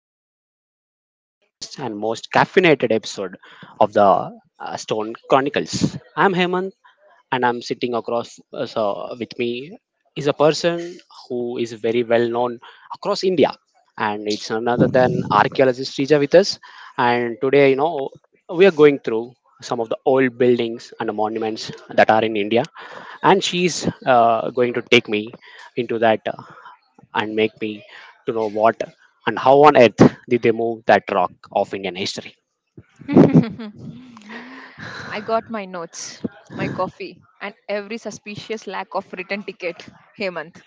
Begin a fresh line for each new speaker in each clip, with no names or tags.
welcome, and welcome to the longest and most caffeinated episode of the Stone Chronicles. I'm Hemant, and I'm sitting across with me is a person who is very well known across India, and it's none other than archaeologist Srija with us. And today, you know, we are going through some of the old buildings and monuments that are in India, and she's going to take me into that. And make me to know what and how on earth did they move that rock of Indian history.
I got my notes, my coffee, and every suspicious lack of return ticket, Hemant.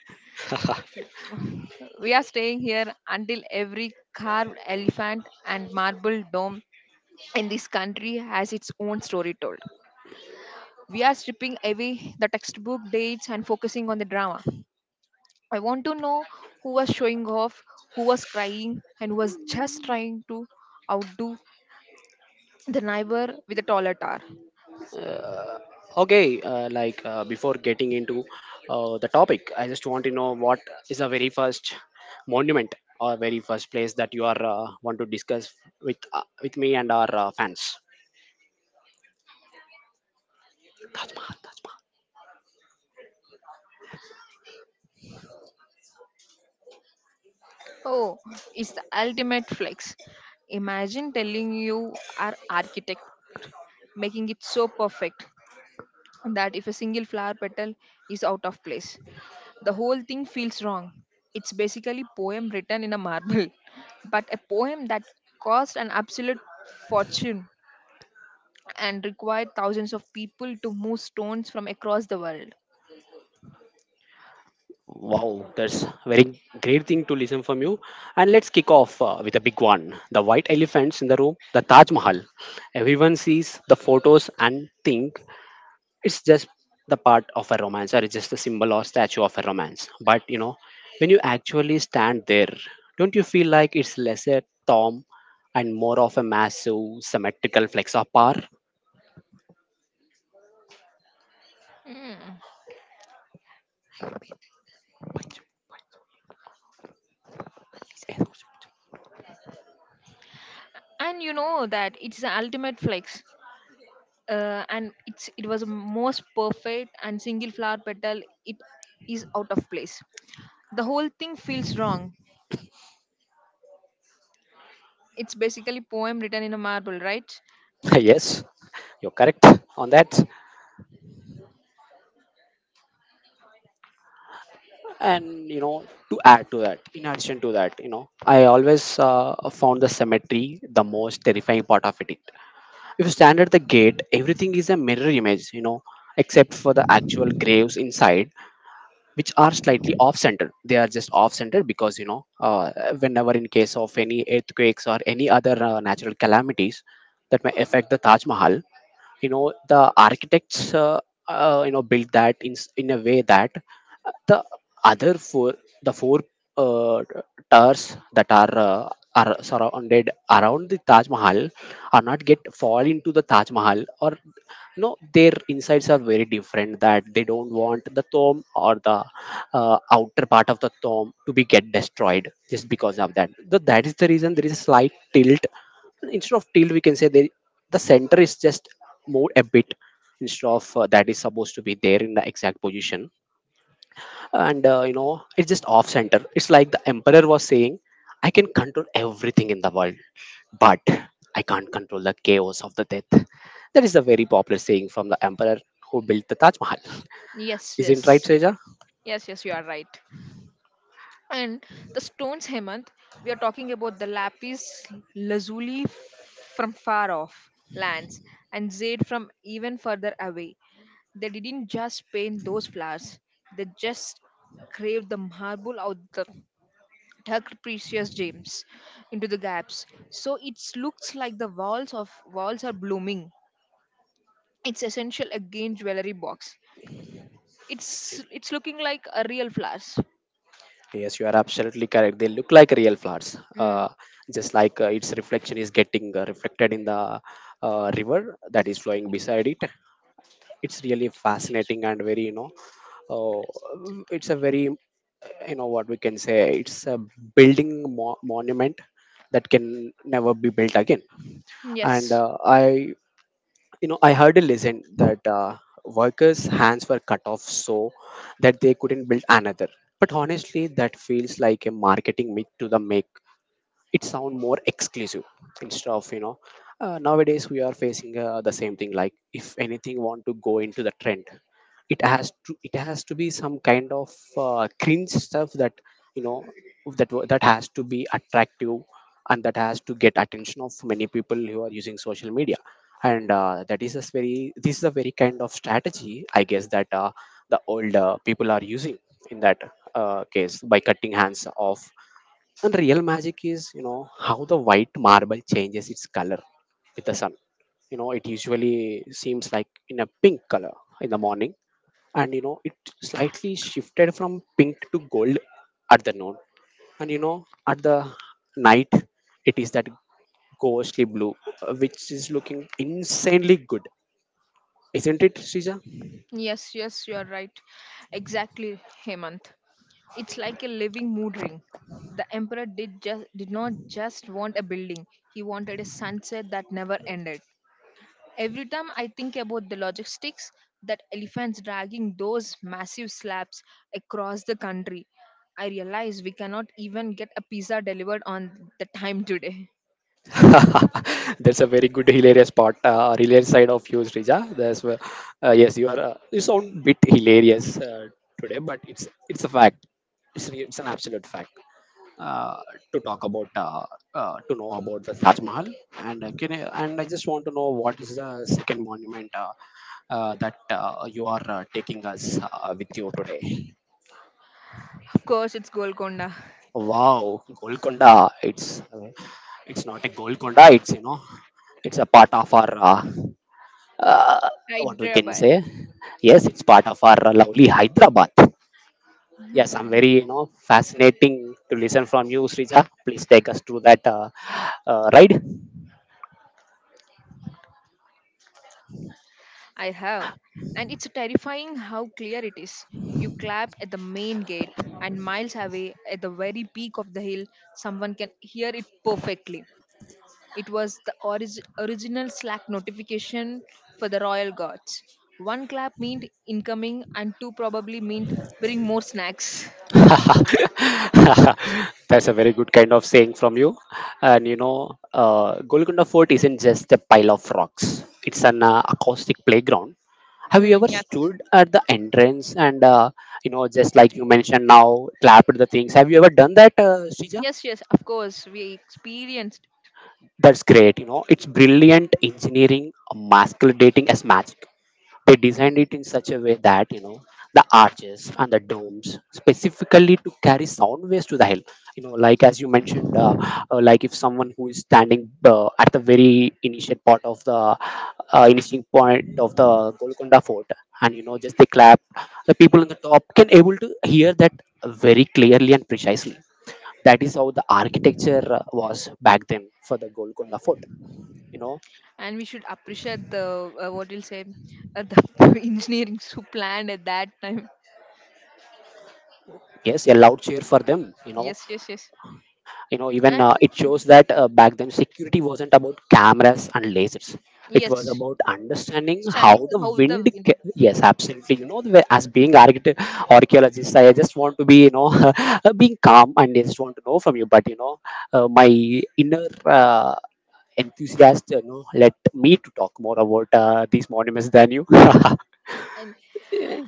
We are staying here until every carved elephant and marble dome in this country has its own story told. We are stripping away the textbook dates and focusing on the drama. I want to know who was showing off, who was crying, and who was just trying to outdo the neighbor with a taller tower.
Okay, like before getting into the topic, I just want to know what is the very first monument or very first place that you are want to discuss with me and our fans. Taj Mahal, Taj Mahal.
Oh, it's the ultimate flex. Imagine telling you are architect, making it so perfect that if a single flower petal is out of place, the whole thing feels wrong. It's basically poem written in a marble, but a poem that cost an absolute fortune and required thousands of people to move stones from across the world.
Wow, that's very great thing to listen from you. And let's kick off with a big one: the white elephants in the room, the Taj Mahal. Everyone sees the photos and think it's just the part of a romance, or it's just the symbol or statue of a romance, but you know when you actually stand there, don't you feel like it's less a tom and more of a massive symmetrical flex of power?
And you know that it's the ultimate flex. And it's it was most perfect and single flower petal it is out of place, the whole thing feels wrong. It's basically poem written in a marble, right?
Yes, you're correct on that. And you know, to add to that, in addition to that, you know, I always found the cemetery the most terrifying part of it. If you stand at the gate, everything is a mirror image, you know, except for the actual graves inside, which are slightly off center. They are just off center because, you know, whenever in case of any earthquakes or any other natural calamities that may affect the Taj Mahal, you know, the architects, you know, built that in a way that the other four the four uh, towers that are surrounded around the Taj Mahal are not get fall into the Taj Mahal, or no, their insides are very different, that they don't want the tomb or the outer part of the tomb to be get destroyed just because of that. That is the reason there is a slight tilt. Instead of tilt, we can say they, the center is just more a bit instead of that is supposed to be there in the exact position. And you know, it's just off center. It's like the emperor was saying, I can control everything in the world, but I can't control the chaos of the death. That is a very popular saying from the emperor who built the Taj Mahal.
Yes, yes,
Isn't right, Seja?
sure. Yes, yes, you are right. And the stones, Hemant, we are talking about the lapis lazuli from far off lands and jade from even further away. They didn't just paint those flowers, they just craved the marble out, the tucked precious gems into the gaps, so it looks like the walls are blooming. It's essential again jewelry box. It's looking like a real flowers.
Yes, you are absolutely correct, they look like real flowers. uh,
Mm.
just like its reflection is getting reflected in the river that is flowing beside it. It's really fascinating and very, you know, uh, it's a very, you know, what we can say, it's a building, monument that can never be built again. And
Yes.
I you know, I heard a legend that workers hands were cut off so that they couldn't build another, but honestly that feels like a marketing myth to the make it sound more exclusive, instead of, you know, nowadays we are facing the same thing, like if anything want to go into the trend, it has to be some kind of cringe stuff that, you know, that has to be attractive, and that has to get attention of many people who are using social media. And that is a very this is a very kind of strategy I guess that the older people are using in that case by cutting hands off. And real magic is, you know, how the white marble changes its color with the sun. You know, it usually seems like in a pink color in the morning, and you know, it slightly
Salik.
shifted from pink to gold at the noon, and you know at the night it is that ghostly blue, which is looking insanely good. Isn't it, Sija?
Yes, yes, you are right. Exactly, Hemant. It's like a living mood ring. The emperor did not just want a building, he wanted a sunset that never ended. Every time I think about the logistics, that elephants dragging those massive slabs across the country, I realize we cannot even get a pizza delivered on the time today.
That's a very good hilarious part, hilarious side of you, Srija. That's where, yes, you are. You sound bit hilarious today, but it's a fact. It's an absolute fact. Uh, to talk about to know about the Taj Mahal, and and I just want to know what is the second monument that you are taking us with you today.
Of course, it's Golconda.
Wow, Golconda. It's not a Golconda. It's, you know, it's a part of our uh,
Right,
what we can
Rabbi.
say. Yes, it's part of our lovely Hyderabad. Yes, I'm very, you know, fascinating to listen from you, Srija. Please take us through that ride.
I have. And it's terrifying how clear it is. You clap at the main gate, and miles away, at the very peak of the hill, someone can hear it perfectly. It was the original Slack notification for the royal guards. One clap meant incoming, and two probably meant bring more snacks.
That's a very good kind of saying from you. And you know, Golconda Fort isn't just a pile of rocks. It's an acoustic playground. Have you
Mm,
ever
yes,
stood at the entrance and you know, just like you mentioned, now clapped the things? Have you ever done that, Srija?
yes, yes. Of course, we experienced,
That's great. You know, it's brilliant engineering masculine dating as magic. They designed
i-
it in such a way that, you know, the arches and the domes specifically to carry sound waves to the hill. You know, like as you mentioned, like if someone who is standing at the very initial part of the initial point of the Golconda fort, and you know, just they clap, the people on the top can able to hear that very clearly and precisely. That is how the architecture was back then for the Golconda fort, you know.
and we should appreciate the what you'll say, the engineers who planned at that time.
Yes, a loud cheer for them, you know.
Yes, yes, yes.
You know, even it shows
And
that back then security wasn't about cameras and lasers. It was
yes,
about understanding how
standing
the
how the wind
yes absolutely, you know, archaeologist, I just want to be, you know, being calm, and I just want to know from you, but you know, my inner uh, enthusiast, you know, let me to talk more about these monuments than you.
and
Eh,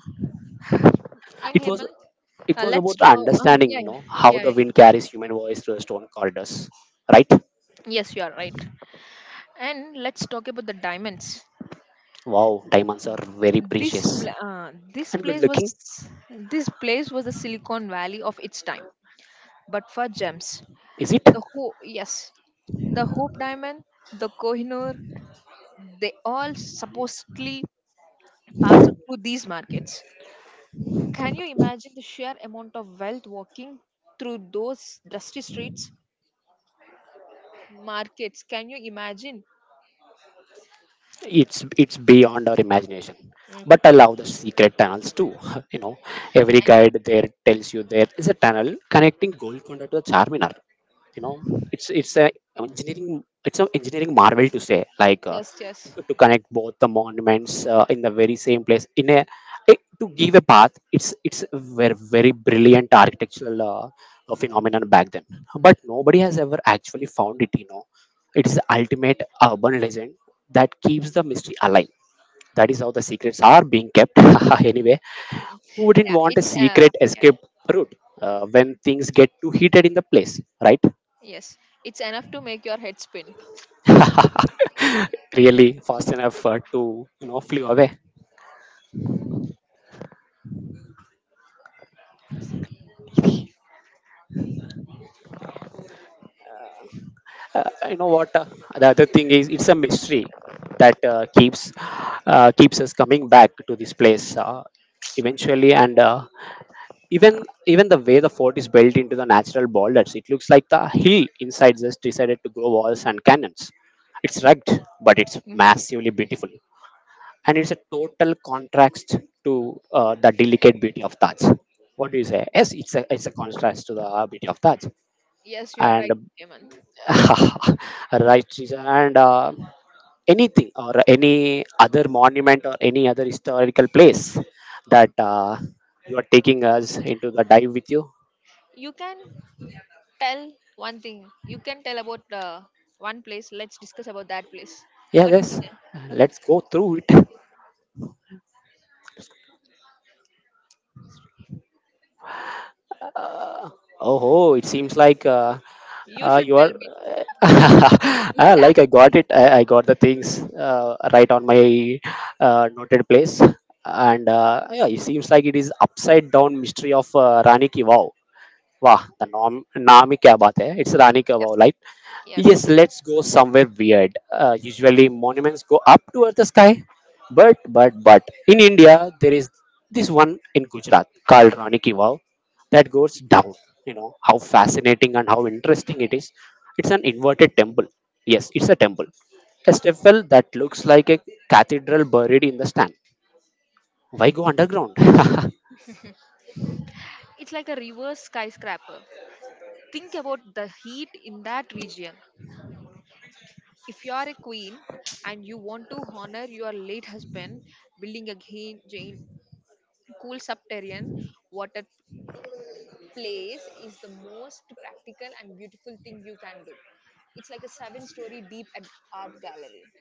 and
it was,
Hemant,
it was
let's
about the
talk.
understanding,
Yeah,
you
yeah,
know, how
yeah,
the
yeah.
wind carries human voice through the stone corridors, right?
Yes, you are right. And let's talk about the diamonds.
Wow, diamonds are very precious
This
and good
place was
looking,
this place was the Silicon Valley of its time, but for gems.
is it?
Yes, the Hope Diamond, the Kohinoor, they all supposedly passed through these markets. Can you imagine the sheer amount of wealth walking through those dusty streets, markets? Can you imagine?
It's beyond our imagination.
Mm,
But I love the secret tunnels too. You know, every
and-
guide there tells you there is a tunnel connecting Golconda to the Charminar. You know, it's a engineering, it's an engineering marvel to say, like,
yes, yes,
to connect both the monuments in the very same place in a it, to give a path, it's a very, very brilliant architectural phenomenon back then, but nobody has ever actually found it. You know, it is the ultimate urban legend that keeps the mystery alive. That is how the secrets are being kept. Anyway, who wouldn't
yeah.
want a
It's
secret
yeah,
escape route when things get too heated in the place, right?
yes. It's enough to make your head spin.
Really fast enough to, you know, flew away. You know what? The other thing is it's a mystery that keeps us coming back to this place, eventually. And even the way the fort is built into the natural boulders, it looks like the hill inside just decided to grow walls and cannons. It's rugged, but it's
Mm.
massively beautiful. And it's a total contrast to the delicate beauty of Taj. What do you say? Yes, it's a, it's a contrast to the beauty of Taj,
Yes, you are
and
right, Hemant.
right, Shisha. And anything or any other monument or any other historical place that you are taking us into the dive with you.
You can tell one thing. You can tell about one place. Let's discuss about that place.
Yeah,
What you
yes,
say?
let's go through it. Oh, it seems like
You should
you are
tell me. You should
Like I
ask
got
me.
it. I got the things right on my noted place, and yeah, it seems like it is upside down mystery of Rani Ki Vav. Wow, Nami kya baat hai? It's Rani Kabau,
Yes.
right? Yes,
Yes.
let's go somewhere weird. Usually monuments go up towards the sky, but in India there is this one in Gujarat called Rani Ki Vav that goes down. You know how fascinating and how interesting it is. It's an inverted temple. Yes, it's a temple, a steeple that looks like a cathedral buried in the sand. Why go underground?
It's like a reverse skyscraper. Think about the heat in that region. If you are a queen and you want to honor your late husband, building a giant, cool subterranean water place is the most practical and beautiful thing you can do. It's like a seven-story deep art gallery.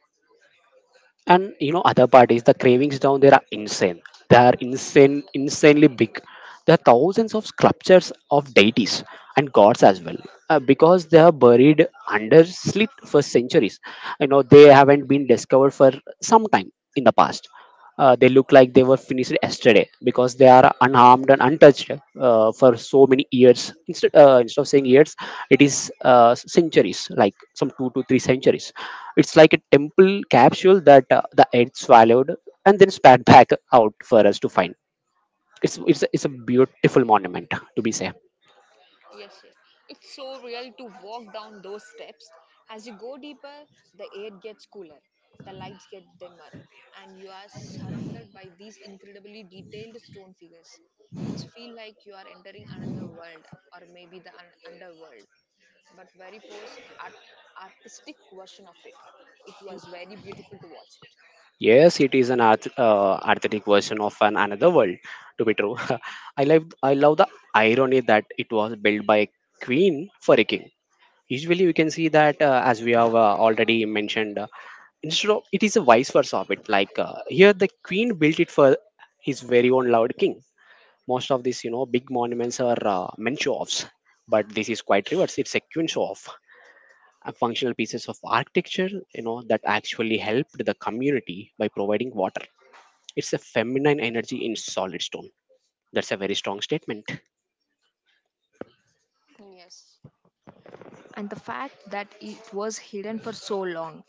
And other parties, the cravings down there are insane. They are insane, insanely big. There are thousands of sculptures of deities and gods as well, because they are buried under slit for centuries. They haven't been discovered for some time in the past. They look like they were finished yesterday because they are unharmed and untouched for so many years. Instead, instead of saying years, it is centuries, like some two to three centuries. It's like a temple capsule that the earth swallowed and then spat back out for us to find. It's a beautiful monument to be safe.
Yes, yes. It's so real to walk down those steps. As you go deeper, the air gets cooler, the lights get dimmer, and you are surrounded by these incredibly detailed stone figures. It's feel like you are entering another world, or maybe the underworld, but very artistic version of it. It was very beautiful to watch.
Yes, it is an art, artistic version of an another world. To be true, I love the irony that it was built by a queen for a king. Usually we can see that, as we have already mentioned, instead of it is a vice versa of it, like here the queen built it for his very own loved king. Most of these, big monuments are men show offs, but this is quite reverse, it's a queen show off. Uh, functional pieces of architecture, that actually helped the community by providing water. It's a feminine energy in solid stone. That's a very strong statement.
Yes. And the fact that it was hidden for so long,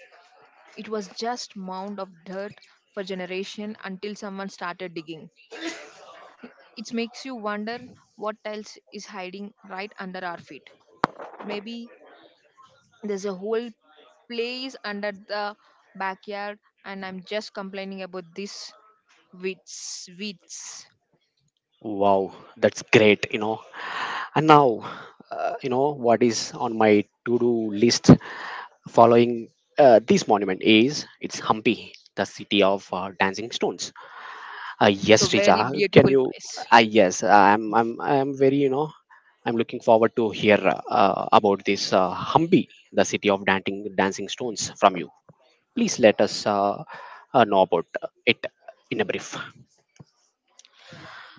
it was just mound of dirt for generation until someone started digging. It makes you wonder what else is hiding right under our feet. Maybe there's a whole place under the backyard, and I'm just complaining about this weeds.
Wow, that's great, you know. And now, what is on my to do list following this monument is it's Hampi, the city of dancing stones.
It's
Yes,
a
Rija,
very
can
beautiful
you?
place.
Yes, I'm very, I'm looking forward to hear about this Hampi, the city of dancing stones from you. Please let us know about it in a brief.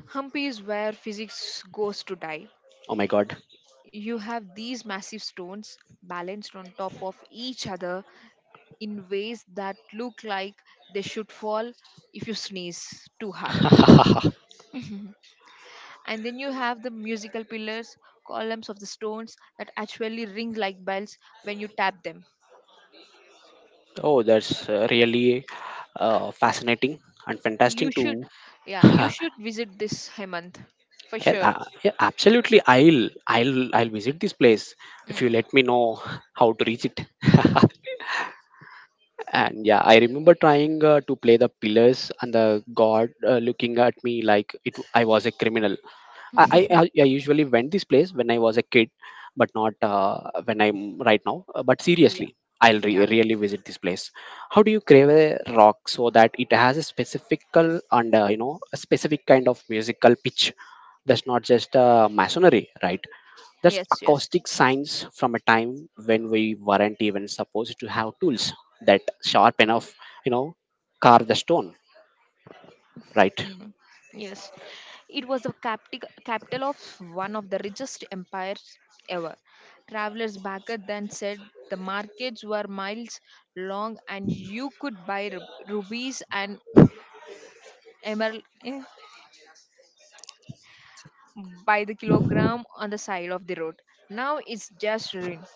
Humpy is where physics goes to die.
Oh my God.
You have these massive stones balanced on top of each other in ways that look like they should fall if you sneeze too hard. And then you have the musical pillars, columns of the stones that actually ring like bells when you tap them.
Oh, that's really fascinating and
You
fantastic
should,
too.
yeah, you
Yeah,
should visit this Hemant for sure.
yeah, absolutely. I'll visit this place if you
Mm.
let me know how to reach it. And yeah, I remember trying to play the pillars and the god looking at me like it I was a criminal. I usually went this place when I was a kid, but not when I'm right now. But
Yeah,
seriously, I'll
yeah,
really visit this place. How do you crave a rock so that it has a specifical and, a specific kind of musical pitch? That's not just masonry, right? That's
yes, yes.
acoustic science from a time when we weren't even supposed to have tools that sharp enough, you know, carve the stone, right?
Mm, yes, it was the capital of one of the richest empires ever. Travelers back then said the markets were miles long and you could buy rubies and emerald eh, by the kilogram on the side of the road. Now it's just ruin,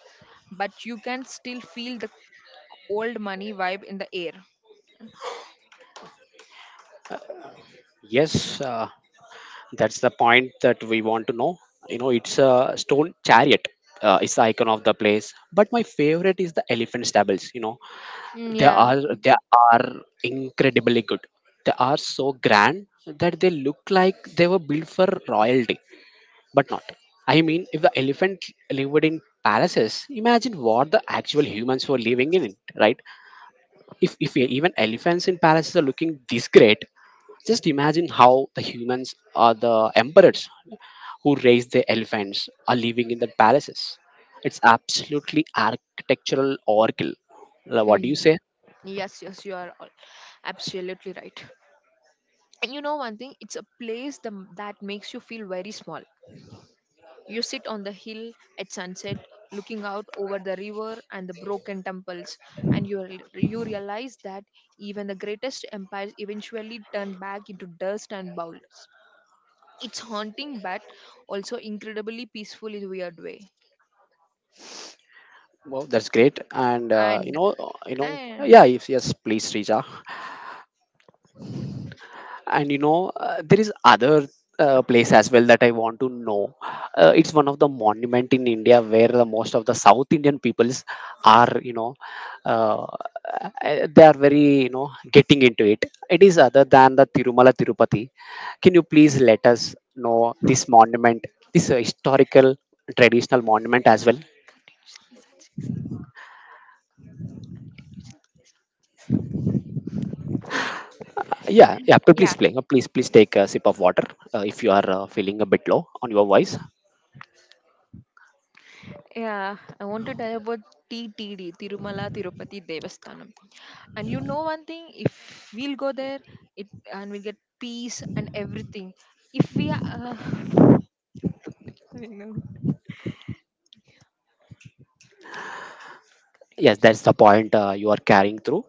but you can still feel the old money vibe in the air.
Yes, that's the point that we want to know. You know, it's a stone chariot. It's the icon of the place. But my favorite is the elephant stables. You know,
Mm,
they
yeah.
are
It-
they are incredibly good. They are so grand that they look like they were built for royalty. But not. I mean, if the elephant lived in palaces, imagine what the actual humans were living in, it, right? If even elephants in palaces are looking this great, just imagine how the humans or the emperors who raise the elephants are living in the palaces. It's absolutely architectural oracle. What do you
mm.
say?
Yes, yes, you are absolutely right. And you know one thing, it's a place the, that makes you feel very small. You sit on the hill at sunset, looking out over the river and the broken temples, and you you realize that even the greatest empires eventually turn back into dust and boulders. It's haunting, but also incredibly peaceful in a weird way.
Well, that's great, and
And and-
yeah. If yes, please, Rija. And there is other place as well that I want to know. Uh, it's one of the monument in India where the most of the south Indian peoples are, uh, they are very, getting into it. It is other than the Tirumala Tirupati. Can you please let us know this monument, this historical traditional monument as well? Yeah, yeah. But
yeah,
please play. Please, please take a sip of water if you are feeling a bit low on your voice.
yeah. I want to tell about TTD, Tirumala Tirupati Devasthanam. And you know one thing, if we'll go there, it, and we'll get peace and everything. If we are, I know
Yes, that's the point you are carrying through.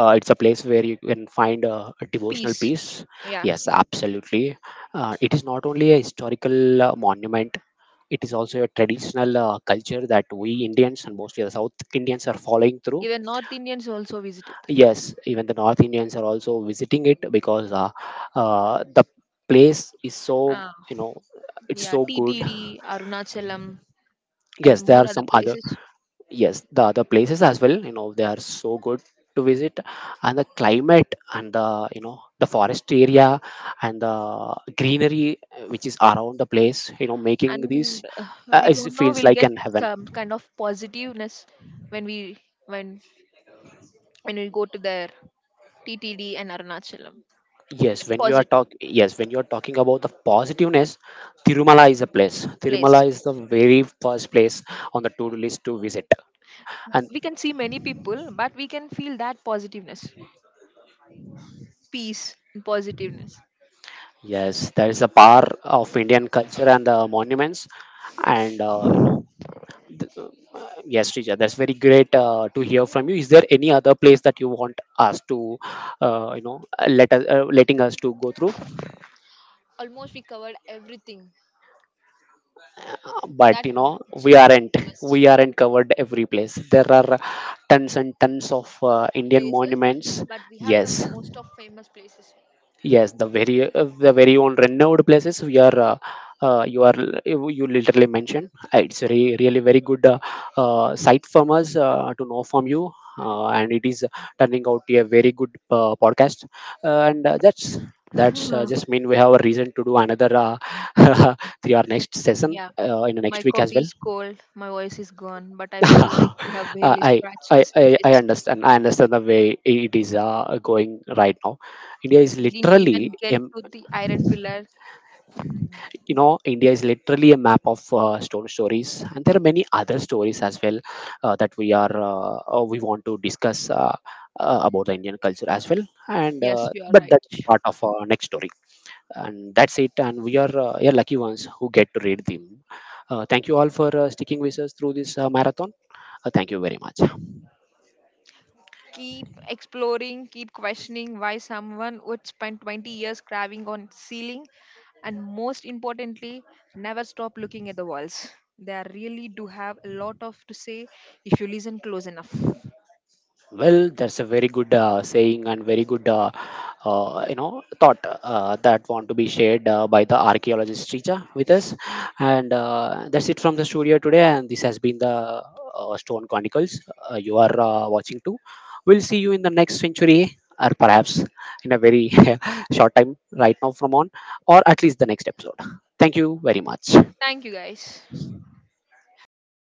Uh, it's a place where you can find a devotional
peace,
peace.
yeah.
Yes, absolutely. Uh, it is not only a historical monument, it is also a traditional culture that we Indians and mostly the south Indians are following through.
Even North Indians also visit it.
Yes, even the north Indians are also visiting it because, the place is so,
Ah,
you know it's
yeah,
so good.
TTD, Arunachalam, and
Yes, there
more
are
other
some other.
places.
Yes, the other places as well, they are so good to visit, and the climate and the, the forest area and the greenery which is around the place, making this
And we
it
don't know.
feels
We'll
like
get
an heaven.
some kind of positiveness when we when when we go to there, TTD and Arunachalam. Get positive
Yes, when you are talking about the positiveness, Tirumala is a place.
place.
Tirumala is the
Yes.
very first place on the to-do list to visit. And
We can see many people, but we can feel that positiveness. Peace, and positiveness.
yes, there is a power of Indian culture and the monuments and, Yes, Rija, that's very great to hear from you. Is there any other place that you want us to, let us letting us to go through?
Almost we covered everything
But
that
you know,
which
we
are
aren't
famous
we aren't covered every place. There are tons and tons of Indian
places,
monuments.
but we have covered
Yes,
most of famous places.
Yes, the very own renowned places we are you are, you literally mentioned. It's really very good site from us to know from you, and it is turning out to be a very good podcast. And that's
Ah.
just mean we have a reason to do another three or next session
Yeah,
in the
my
next week as
coffee
well.
is cold, my voice is gone, but I feel like we have
uh,
barely
I.
scratched the
I
surface.
understand. I understand the way it is going right now. India is
We didn't
literally,
even get to the iron pillar.
India is literally a map of stone stories, and there are many other stories as well that we are we want to discuss about the Indian culture as well. And
Yes, you are
But
right.
that's part of our next story. And that's it, and we are lucky ones who get to read them. Thank you all for sticking with us through this marathon. Thank you very much.
Keep exploring, keep questioning why someone would spend 20 years carving on ceiling, and most importantly, never stop looking at the walls. They are really do have a lot of to say if you listen close enough.
Well, that's a very good saying and very good, thought that want to be shared by the archaeologist Richa with us. And that's it from the studio today. And this has been the Stone Chronicles. You are watching too. We'll see you in the next century, or perhaps in a very short time right now from on, or at least the next episode. Thank you very much.
Thank you guys.